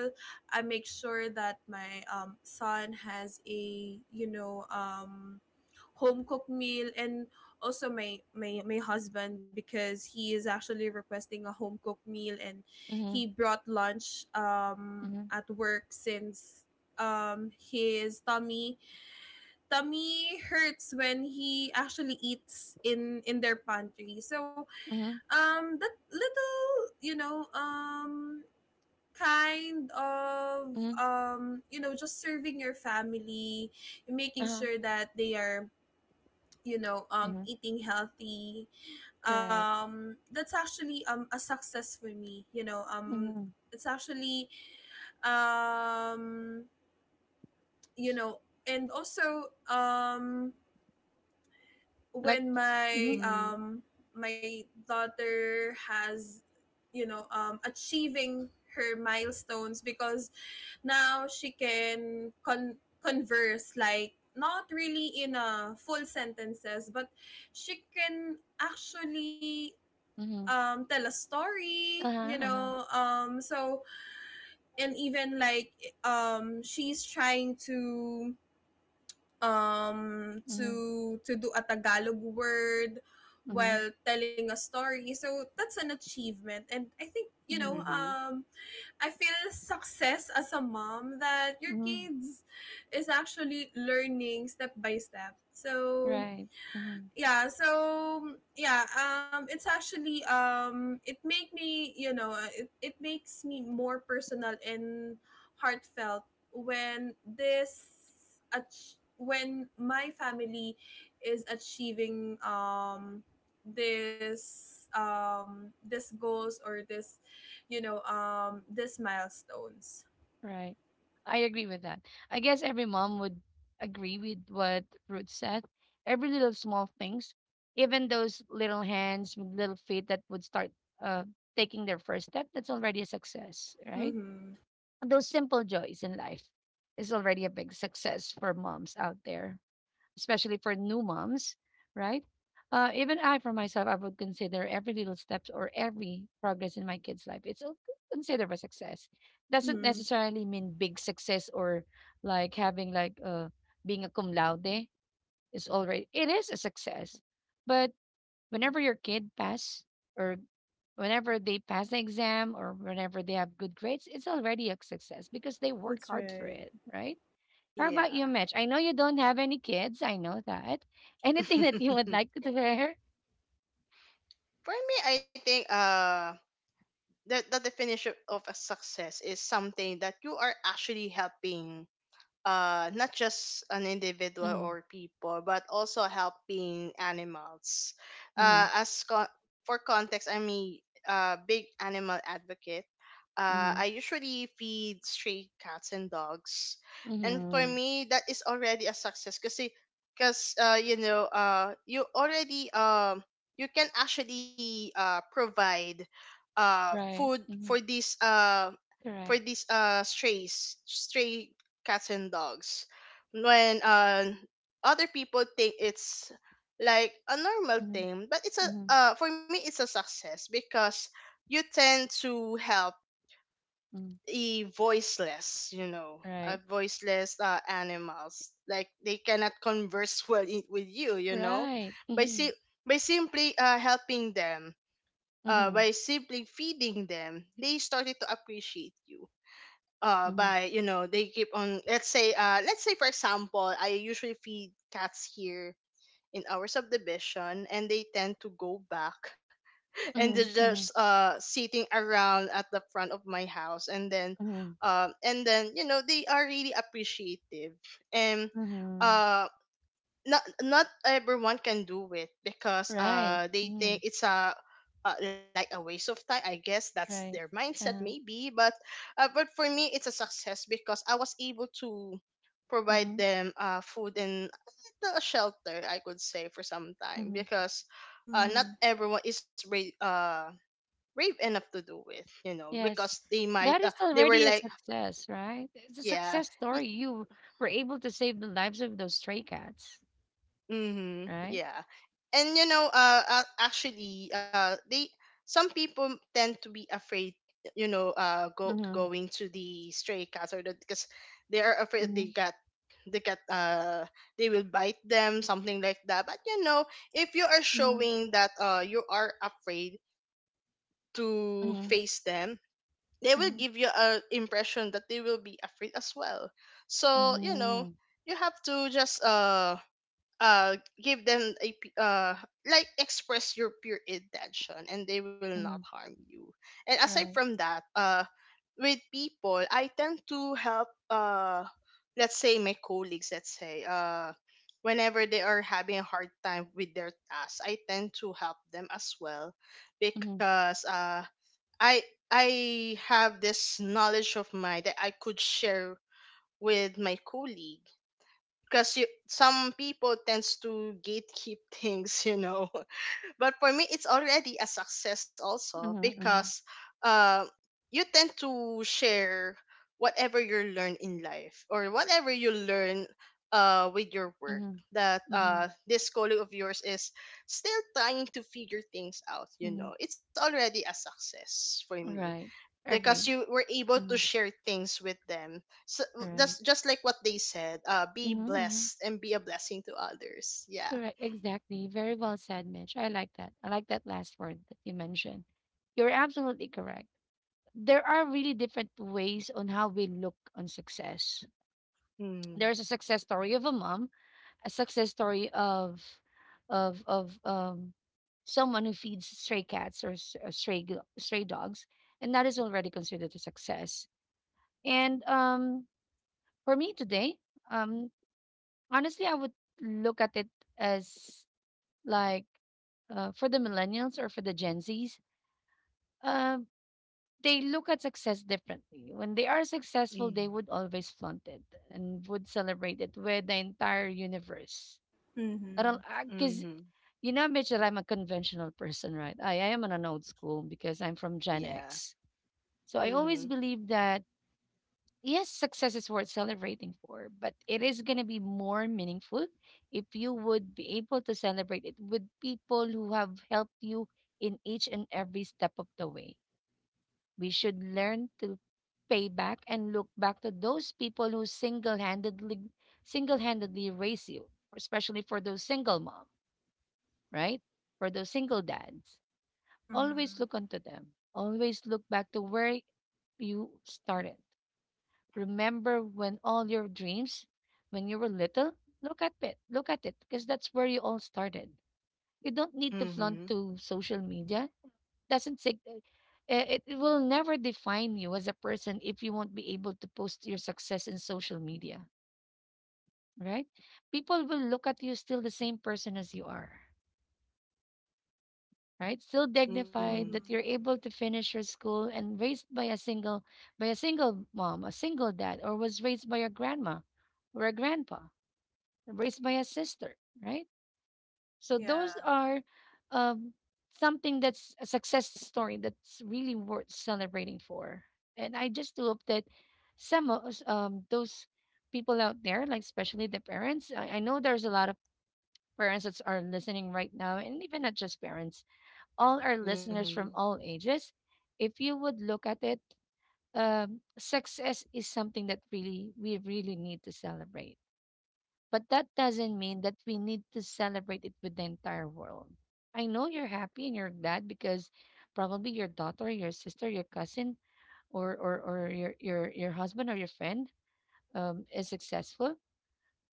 B: I make sure that my, son has a, home cooked meal. And also my husband, because he is actually requesting a home cooked meal, and
A: mm-hmm,
B: he brought lunch,
A: mm-hmm, mm-hmm,
B: at work, since, his tummy hurts when he actually eats in their pantry. So,
A: mm-hmm,
B: that little, kind of,
A: mm-hmm,
B: just serving your family, making
A: uh-huh,
B: sure that they are,
A: mhm.
B: eating healthy.
A: Correct.
B: That's actually, a success for me,
A: Mhm.
B: it's actually, um you know and also,
A: Like,
B: when my,
A: mhm,
C: Mhm.
B: my daughter has, achieving her milestones, because now she can converse, like, not really in a full sentences, but she can actually,
A: mhm.
B: tell a story,
A: Uh-huh, uh-huh.
B: and even, she's trying to, um to
A: Mhm,
B: do a Tagalog word
A: mhm,
B: while telling a story. So that's an achievement. And I think,
A: mhm,
C: Mhm.
B: I feel success as a mom, that your
A: mhm.
B: kids is actually learning step by step. So
A: Right. Mhm,
B: yeah. It's actually, it make me you know it, it makes me more personal and heartfelt when this, when my family is achieving, this goals, or this, this milestones.
A: right. I agree with that. I guess every mom would agree with what Ruth said. Every little small things, even those little hands, little feet that would start, uh taking their first step, that's already a success, right?
B: Mm-hmm.
A: Those simple joys in life is already a big success for moms out there, especially for new moms, right? Even I, for myself, I would consider every little steps or every progress in my kid's life. Considered a success. Doesn't
B: Mm-hmm.
A: necessarily mean big success, or like having, being a cum laude, is already it is a success. But whenever your kid pass, or whenever they pass the exam, or whenever they have good grades, it's already a success because they work
B: That's
A: hard for
B: right.
A: it, right? How about you,
C: Yeah.
A: Mitch? I know you don't have any kids. I know that. Anything that you would like to wear?
C: For me, I think the definition of a success is something that you are actually helping, not just an individual
A: Mm-hmm,
C: or people, but also helping animals,
A: mm-hmm,
C: uh as con- for context, I'm a big animal advocate.
A: mm-hmm,
C: I usually feed stray cats and dogs, and for
A: mm-hmm.
C: me that is already a success, because you know, you can actually provide
A: Right.
C: food for
A: Mm-hmm.
C: these,
A: Correct.
C: stray cats and dogs. When other people think it's like a normal
A: Mm-hmm,
C: thing, but it's a
A: mm-hmm,
C: for me it's a success, because you tend to help
A: mm-hmm.
C: a voiceless, you know, a
A: Right.
C: voiceless animals. Like they cannot converse well with you, you know,
A: Right.
C: by
A: Mm-hmm,
C: si- by simply helping them, by
A: mm-hmm,
C: simply feeding them, they started to appreciate you.
A: mm-hmm,
C: By you know, they keep on. Let's say, let's say, for example, I usually feed cats here in our subdivision, and they tend to go back and they're
A: mm-hmm, mm-hmm,
C: just sitting around at the front of my house, and then
A: mm-hmm,
C: you know, they are really appreciative, and
A: mm-hmm.
C: uh not, not everyone can do it, because
A: Right.
C: they
A: Mm-hmm.
C: think it's a, like a waste of time, I guess, that's their
A: Right.
C: mindset
A: Uh-huh.
C: maybe. But but for me it's a success because I was able to provide
A: Mm-hmm,
C: them food and a little shelter, I could say, for some time,
A: mm-hmm.
C: because not
B: Mm-hmm.
C: everyone is brave, brave enough to do it, you know,
A: Yes.
C: because they might,
A: That is
C: they were
A: already a
C: like,
A: success, right? It's a
C: yeah,
A: success
C: y-
A: story. You were able to save the lives of those stray cats,
C: Mm-hmm.
A: right?
C: Yeah. And you know, actually, they some people tend to be afraid, you know, go
A: Mm-hmm.
C: going to the stray cats or the, because they are afraid
A: Mm-hmm,
C: they got, they got uh they will bite them, something like that. But you know, if you are
A: mhm,
C: showing that you are afraid to
A: mhm,
C: face them, they will
A: mhm,
C: give you a impression that they will be afraid as well. So you know,
A: mhm,
C: you have to just uh give them like express your pure intention, and they will not
A: mhm.
C: harm you. And aside
A: Right.
C: from that, with people I tend to help, let's say my colleagues, let's say, whenever they are having a hard time with their tasks, I tend to help them as well,
A: Mhm,
C: because i I have this knowledge of mine that I could share with my colleague, because you, some people tends to gatekeep things, you know. But for me it's already a success also,
A: mhm,
C: because
A: mhm,
C: uh, you tend to share whatever you learn in life, or whatever you learn with your work,
A: mhm,
C: that
A: mhm,
C: this colleague of yours is still trying to figure things out, you
A: mhm.
C: know, it's already a success for me,
A: Right.
C: because
A: Agreed.
C: you were able to
A: Mhm.
C: share things with them. So
A: Right.
C: that's just like what they said, be
A: Mhm, mhm.
C: blessed and be a blessing to others. Yeah.
A: Correct. Exactly. Very well said, Mitch. I like that. I like that last word that you mentioned. You're absolutely correct. There are really different ways on how we look on success.
C: Mm-hmm.
A: There's a success story of a mom, a success story of someone who feeds stray cats, or stray, stray dogs, and that is already considered a success. And, for me today, um honestly, I would look at it as, like, for the millennials or for the gen z's, um they look at success differently. When they are successful, they would always flaunt it and would celebrate it with the entire universe.
B: Mm-hmm.
A: Because,
C: Mm-hmm.
A: you know, Mitch, that I'm a conventional person, right? I am on an old school because I'm from Gen
C: Yeah.
A: X. So I always
C: Mm-hmm.
A: believe that, yes, success is worth celebrating for, but it is going to be more meaningful if you would be able to celebrate it with people who have helped you in each and every step of the way. We should learn to pay back and look back to those people who single-handedly raise you, especially for those single mom, right? For those single dads, always
B: Mm-hmm.
A: look onto them. Always look back to where you started. Remember when all your dreams, when you were little, look at it. Look at it, because that's where you all started. You don't need to
C: Mm-hmm.
A: flaunt to social media. Doesn't sig- eh? It will never define you as a person if you won't be able to post your success in social media, right? People will look at you still the same person as you are. Right? Still
C: Mm-hmm.
A: dignified that
B: Mm-hmm.
A: you're able to finish your school and raised by a single mom, a single dad, or was raised by a grandma or a grandpa, or raised by a sister, right? So those
B: Yeah.
A: are um, something that's a success story that's really worth celebrating for. And I just hope that some of us, those people out there, like especially the parents, I know there's a lot of parents that are listening right now, and even not just parents all our listeners
C: Mm-hmm.
A: from all ages, if you would look at it, success is something that really we really need to celebrate. But that doesn't mean that we need to celebrate it with the entire world. I know you're happy and you're glad because probably your daughter, your sister, your cousin, or your husband or your friend is successful.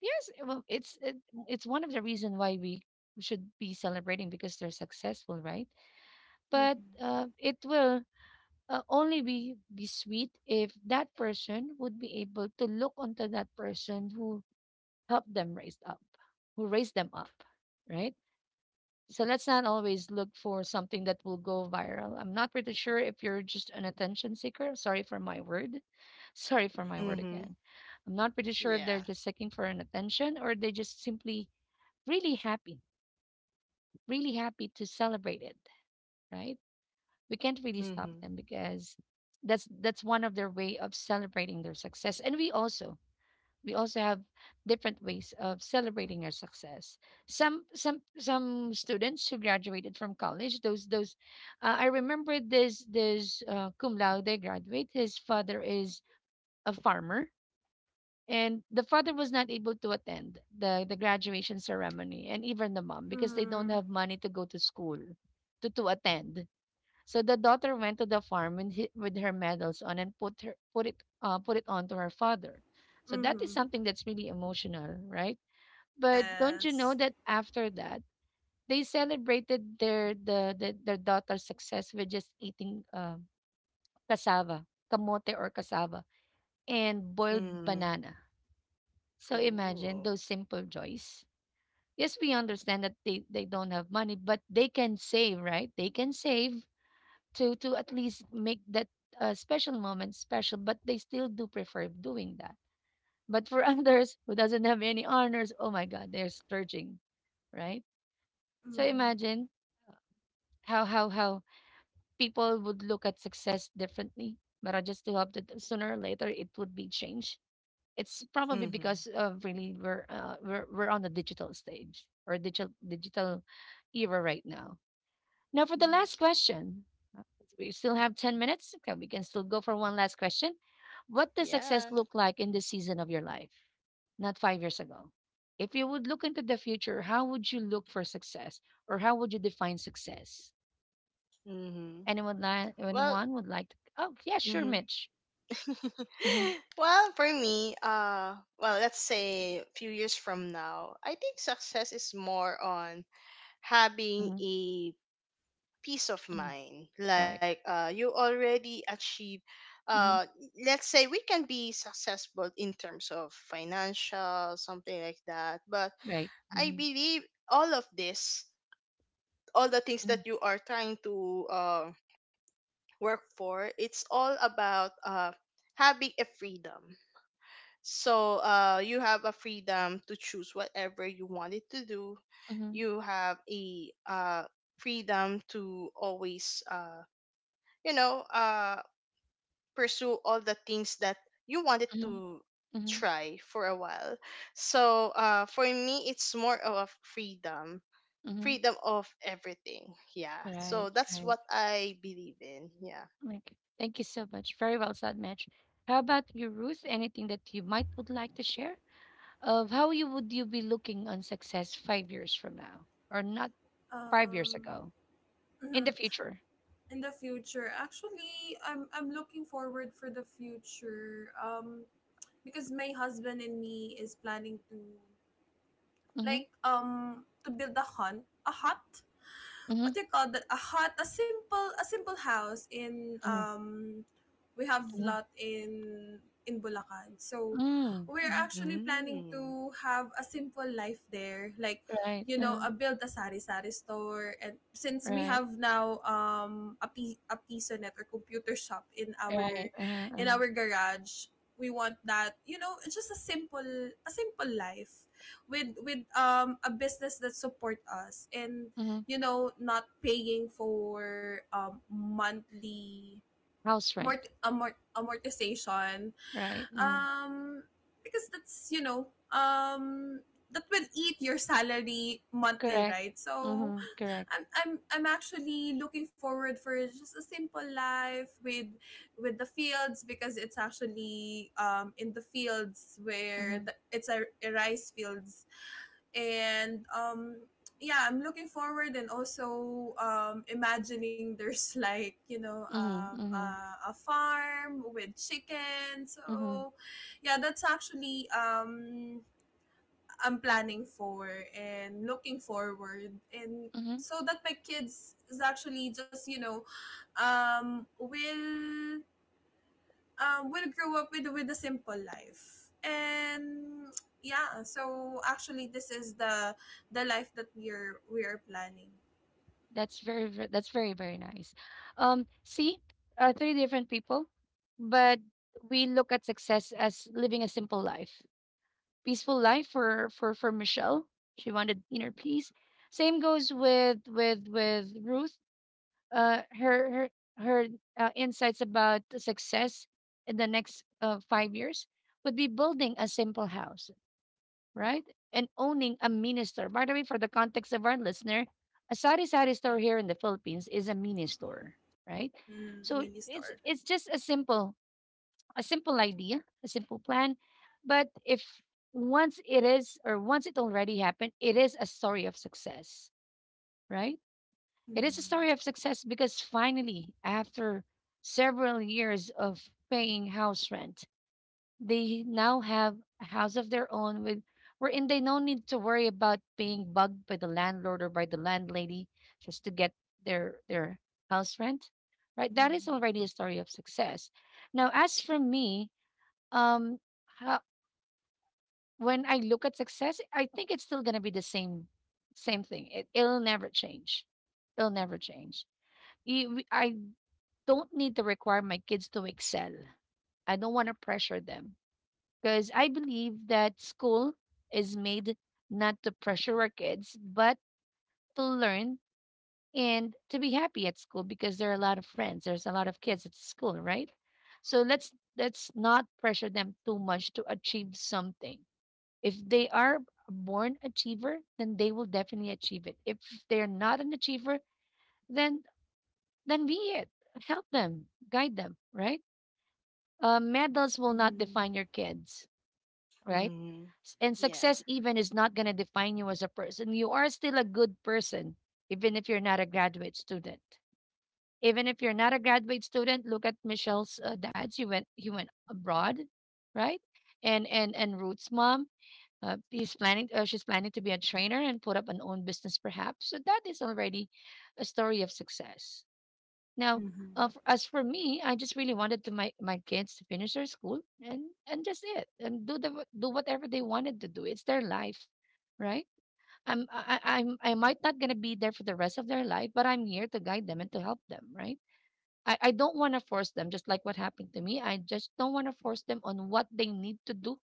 A: Yes, well, it's one of the reason why we should be celebrating because they're successful, right? But
B: Mhm.
A: it will only be sweet if that person would be able to look onto that person who helped them raise up, who raised them up, right? So let's not always look for something that will go viral. I'm not pretty sure if you're just an attention seeker. Sorry for my word. Sorry for my word
C: Mm-hmm.
A: again. I'm not pretty sure
C: Yeah.
A: if they're just seeking for an attention or they just simply really happy, really happy to celebrate it, right? We can't really
C: Mm-hmm.
A: stop them because that's one of their way of celebrating their success, and we also have different ways of celebrating our success. Some students who graduated from college, those I remember this cum laude graduate. His father is a farmer, and the father was not able to attend the graduation ceremony, and even the mom, because they don't
B: Mm.
A: have money to go to school to attend. So the daughter went to the farm and he, with her medals on, and put it on to her father. So that is
B: Mhm.
A: something that's really emotional, right? But don't you know
B: Yes.
A: that after that they celebrated their the their daughter's success with just eating cassava, kamote or cassava, and boiled
C: Mm-hmm.
A: banana. So imagine
C: Ooh.
A: those simple joys. Yes, we understand that they don't have money, but they can save, right? They can save to at least make that special moment special, but they still do prefer doing that. But for others who doesn't have any honors, oh my god, they're splurging, right? So
B: Mhm.
A: imagine how people would look at success differently. But I just do hope that sooner or later it would be changed. It's probably
C: Mm-hmm.
A: because of really we're on the digital stage, or digital era right now. Now, for the
B: Mhm.
A: last question, uh, we still have 10 minutes. Okay, we can still go for one last question. What does
C: Yeah.
A: success look like in this season of your life? Not 5 years ago. If you would look into the future, how would you look for success or how would you define success?
C: Mm-hmm.
A: Anyone,
C: Well,
A: anyone would like to? Oh, yeah, sure, Mitch. Hmm.
C: well, for me, well, let's say a few years from now, I think success is more on having
A: Hmm.
C: a peace of
A: Hmm.
C: mind. Like,
A: Right.
C: you already achieve. Uh,
A: Hmm.
C: let's say we can be successful in terms of financial, something like that. But
A: Right.
C: I
A: Hmm.
C: believe all of this, all the things
A: Hmm.
C: that you are trying to work for, it's all about having a freedom. So you have a freedom to choose whatever you wanted to do, you have a freedom to always you know uh pursue all the things that you wanted
A: Hmm.
C: to
A: Hmm.
C: try for a while. So for me it's more of a freedom,
A: Hmm.
C: freedom of everything. Yeah, so
A: Right.
C: that's
A: Right.
C: what I believe in. Yeah.
A: Like, thank you so much. Very well said, Mitch. How about you, Ruth? Anything that you might would like to share of how you would you be looking on success 5 years from now, or not 5 years
B: Um.
A: ago, in the
B: Mhm.
A: future?
B: In the future, actually, I'm looking forward for the future. Because my husband and me is planning to,
A: Mm-hmm,
B: to build a hut,
A: mm-hmm,
B: what do you call that, a hut, a simple, house in,
A: mm-hmm,
B: we have
A: mm-hmm,
B: lot in Bulacan. So
A: mm,
B: we're
A: mm-hmm.
B: actually planning
C: Mm.
B: to have a simple life there, like
A: Right,
B: you know, a build a sari sari store, and since we
A: right,
B: have now, a, a pisonet or computer shop in our
A: right.
B: in our garage. We want that, it's just a simple, life with, a business that support us, and,
A: Mm-hmm.
B: not paying for, monthly,
A: House rent,
B: amortization,
A: right? Mm-hmm.
B: um because that's, um that will eat your salary monthly,
A: Correct.
B: right? So
A: Mm-hmm. Correct.
B: I'm actually looking forward for just a simple life with, the fields, because it's actually, in the fields where
A: Mm-hmm.
B: the, it's a rice fields. And, yeah, I'm looking forward. And also, imagining there's
A: Mm-hmm. Mm-hmm.
B: a farm with chicken.
A: Mm-hmm.
B: So yeah, that's actually, I'm planning for and looking forward. And
A: Mm-hmm.
B: so that my kids is actually just, will, grow up with, a simple life. And yeah, so actually, this is the life that we're planning.
A: That's very, that's very, very nice. See, three different people, but we look at success as living a simple life, peaceful life for for Michelle. She wanted inner peace. Same goes with with Ruth. Her her insights about the success in the next 5 years would be building a simple house, right? And owning a mini store. By the way, for the context of our listener, a sari sari store here in the Philippines is a mini store, right?
B: Mm-hmm.
A: So
B: Mini
A: it's
B: store.
A: it's just a simple idea, a simple plan, but if once it is or once it already happened, it is a story of success, right? It is a
B: Mm-hmm.
A: story of success because finally, after several years of paying house rent, they now have a house of their own with wherein they no need to worry about being bugged by the landlord or by the landlady just to get their house rent. Right? That is
B: Mm-hmm.
A: already a story of success. Now, as for me, um how, when I look at success, I think it's still gonna be the same same thing. It'll never change. It'll never change. I don't need to require my kids to excel. I don't want to pressure them. Because I believe that school is made not to pressure our kids, but to learn and to be happy at school because there are a lot of friends, there's a lot of kids at school, right? So let's not pressure them too much to achieve something. If they are a born achiever, then they will definitely achieve it. If they're not an achiever, then be it. Help them, guide them, right? Medals will not
B: Mm-hmm.
A: define your kids. Right?
C: Mm.
A: And
C: Yeah.
A: success even is not going to define you as a person. You are still a good person, even if you're not a graduate student. Even if you're not a graduate student, look at Michelle's dad. He went abroad, right? And Ruth's mom, he's planning. She's planning to be a trainer and put up an own business, perhaps. So that is already a story of success. Now,
B: Mm-hmm.
A: as for me, I just really wanted to my my kids to finish their school and just it and do the do whatever they wanted to do. It's their life, right? I'm I- I'm I might not gonna be there for the rest of their life, but I'm here to guide them and to help them, right? I don't want to force them, just like what happened to me. I just don't want to force them on what they need to do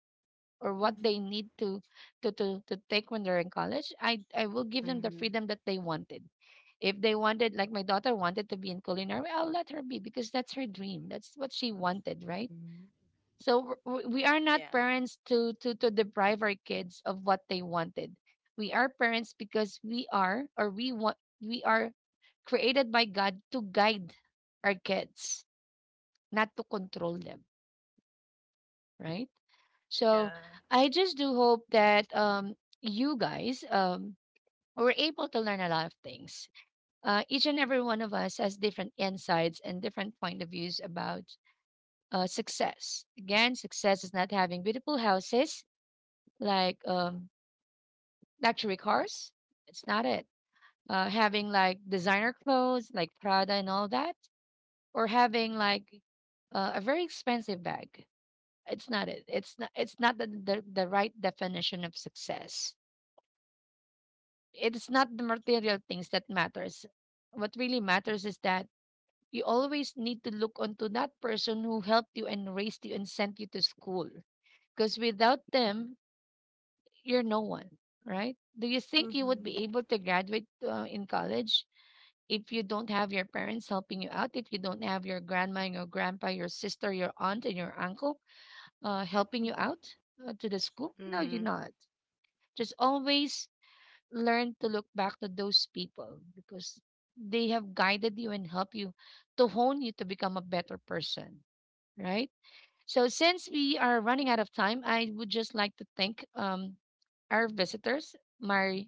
A: or what they
B: Mm-hmm.
A: need to to take when they're in college. I will give them the
C: Mm-hmm.
A: freedom that they wanted. If they wanted, like my daughter wanted to be in culinary, I'll let her be because that's her dream, that's what she wanted, right? So we are not
C: Yeah.
A: parents to deprive our kids of what they wanted. We are parents because we are or we want we are created by God to guide our kids, not to control them, right? So
B: Yeah.
A: I just do hope that you guys were able to learn a lot of things. Each and every one of us has different insights and different point of views about success. Again, success is not having beautiful houses like luxury cars. It's not it. Having like designer clothes like Prada and all that, or having like a very expensive bag. It's not it. It's not. It's not the, the right definition of success. It's not the material things that matters. What really matters is that you always need to look onto that person who helped you and raised you and sent you to school. Because without them, you're no one, right? Do you think you would be
B: Mm-hmm.
A: able to graduate in college if you don't have your parents helping you out? If you don't have your grandma, and your grandpa, your sister, your aunt, and your uncle helping you
B: Mm-hmm.
A: out to the school? No, you're
C: Hmm.
A: not. Just always learn to look back to those people because they have guided you and helped you to hone you to become a better person, right? So, since we are running out of time, I would just like to thank our visitors, my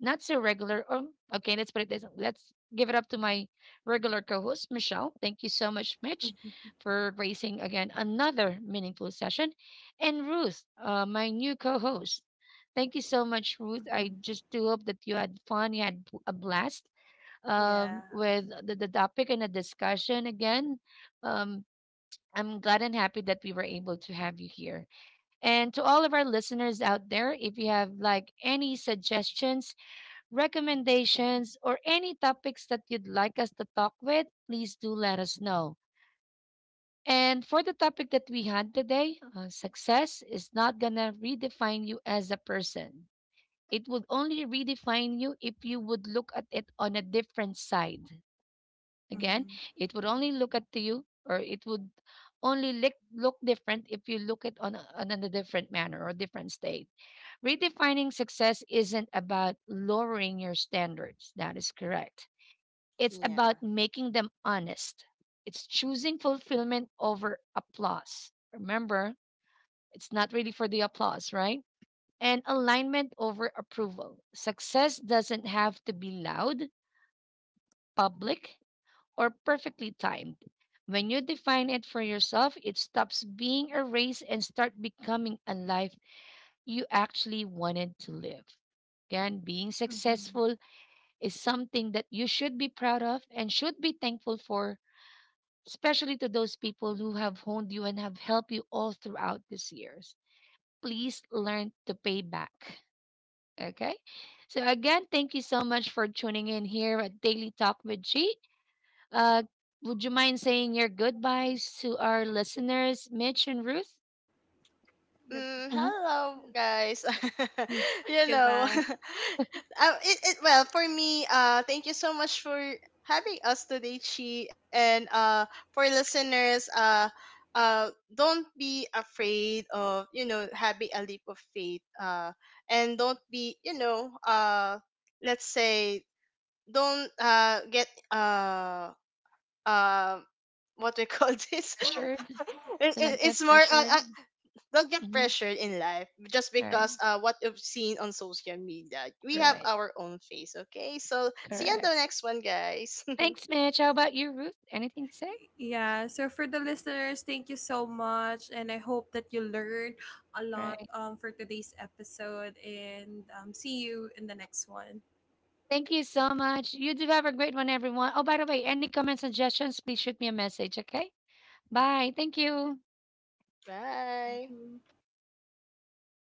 A: not so regular. Okay, let's put it this. Let's give it up to my regular co-host, Michelle. Thank you so much, Mitch,
B: Mm-hmm.
A: for raising again another meaningful session, and Ruth, my new co-host. Thank you so much, Ruth. I
B: Mm-hmm.
A: just do hope that you had fun, you had a blast
B: Yeah.
A: with the topic and the discussion again. Um, I'm glad and happy that we were able to have you here. And to all of our listeners out there, if you have like any suggestions, recommendations, or any topics that you'd like us to talk with, please do let us know. And for the topic that we had today, success is not going to redefine you as a person. It would only redefine you if you would look at it on a different side. Again,
B: Mm-hmm.
A: it would only look at you, or it would only look, look different if you look at on, on a different manner or different state. Redefining success isn't about lowering your standards. That is correct. It's
C: Yeah.
A: about making them honest. It's choosing fulfillment over applause. Remember, it's not really for the applause, right? And alignment over approval. Success doesn't have to be loud, public, or perfectly timed. When you define it for yourself, it stops being a race and start becoming a life you actually wanted to live. Again, being
B: Mm-hmm.
A: successful is something that you should be proud of and should be thankful for, especially to those people who have honed you and have helped you all throughout these years. Please learn to pay back. Okay? So, again, thank you so much for tuning in here at Daily Talk with G. Uh, would you mind saying your goodbyes to our listeners, Mitch and Ruth?
B: Good-
C: Mm,
A: Hmm.
C: hello, guys. You know,
B: Goodbye.
C: well, for me, thank you so much for having us today, Chi. And for listeners, uh, don't be afraid of, you know, having a leap of faith. And don't be, you know, let's say, don't get, uh, what we call this?
A: Pressured?
C: it, it,
A: Do not
C: it's
A: get
C: more on,
A: pressured.
C: don't get
A: Mhm.
C: pressured in life just
A: All right.
C: because what you've seen on social media. We have
A: Right.
C: our own face, okay? So see you on the
A: Correct.
C: next one, guys.
A: Thanks, Mitch. How about you, Ruth? Anything to say?
B: Yeah, so for the listeners, thank you so much. And I hope that you learned a lot,
A: Right.
B: for today's episode. And, see you in the next one.
A: Thank you so much. You do have a great one, everyone. Oh, by the way, any comments, suggestions, please shoot me a message, okay? Bye. Thank you.
C: Bye.
B: Mhm.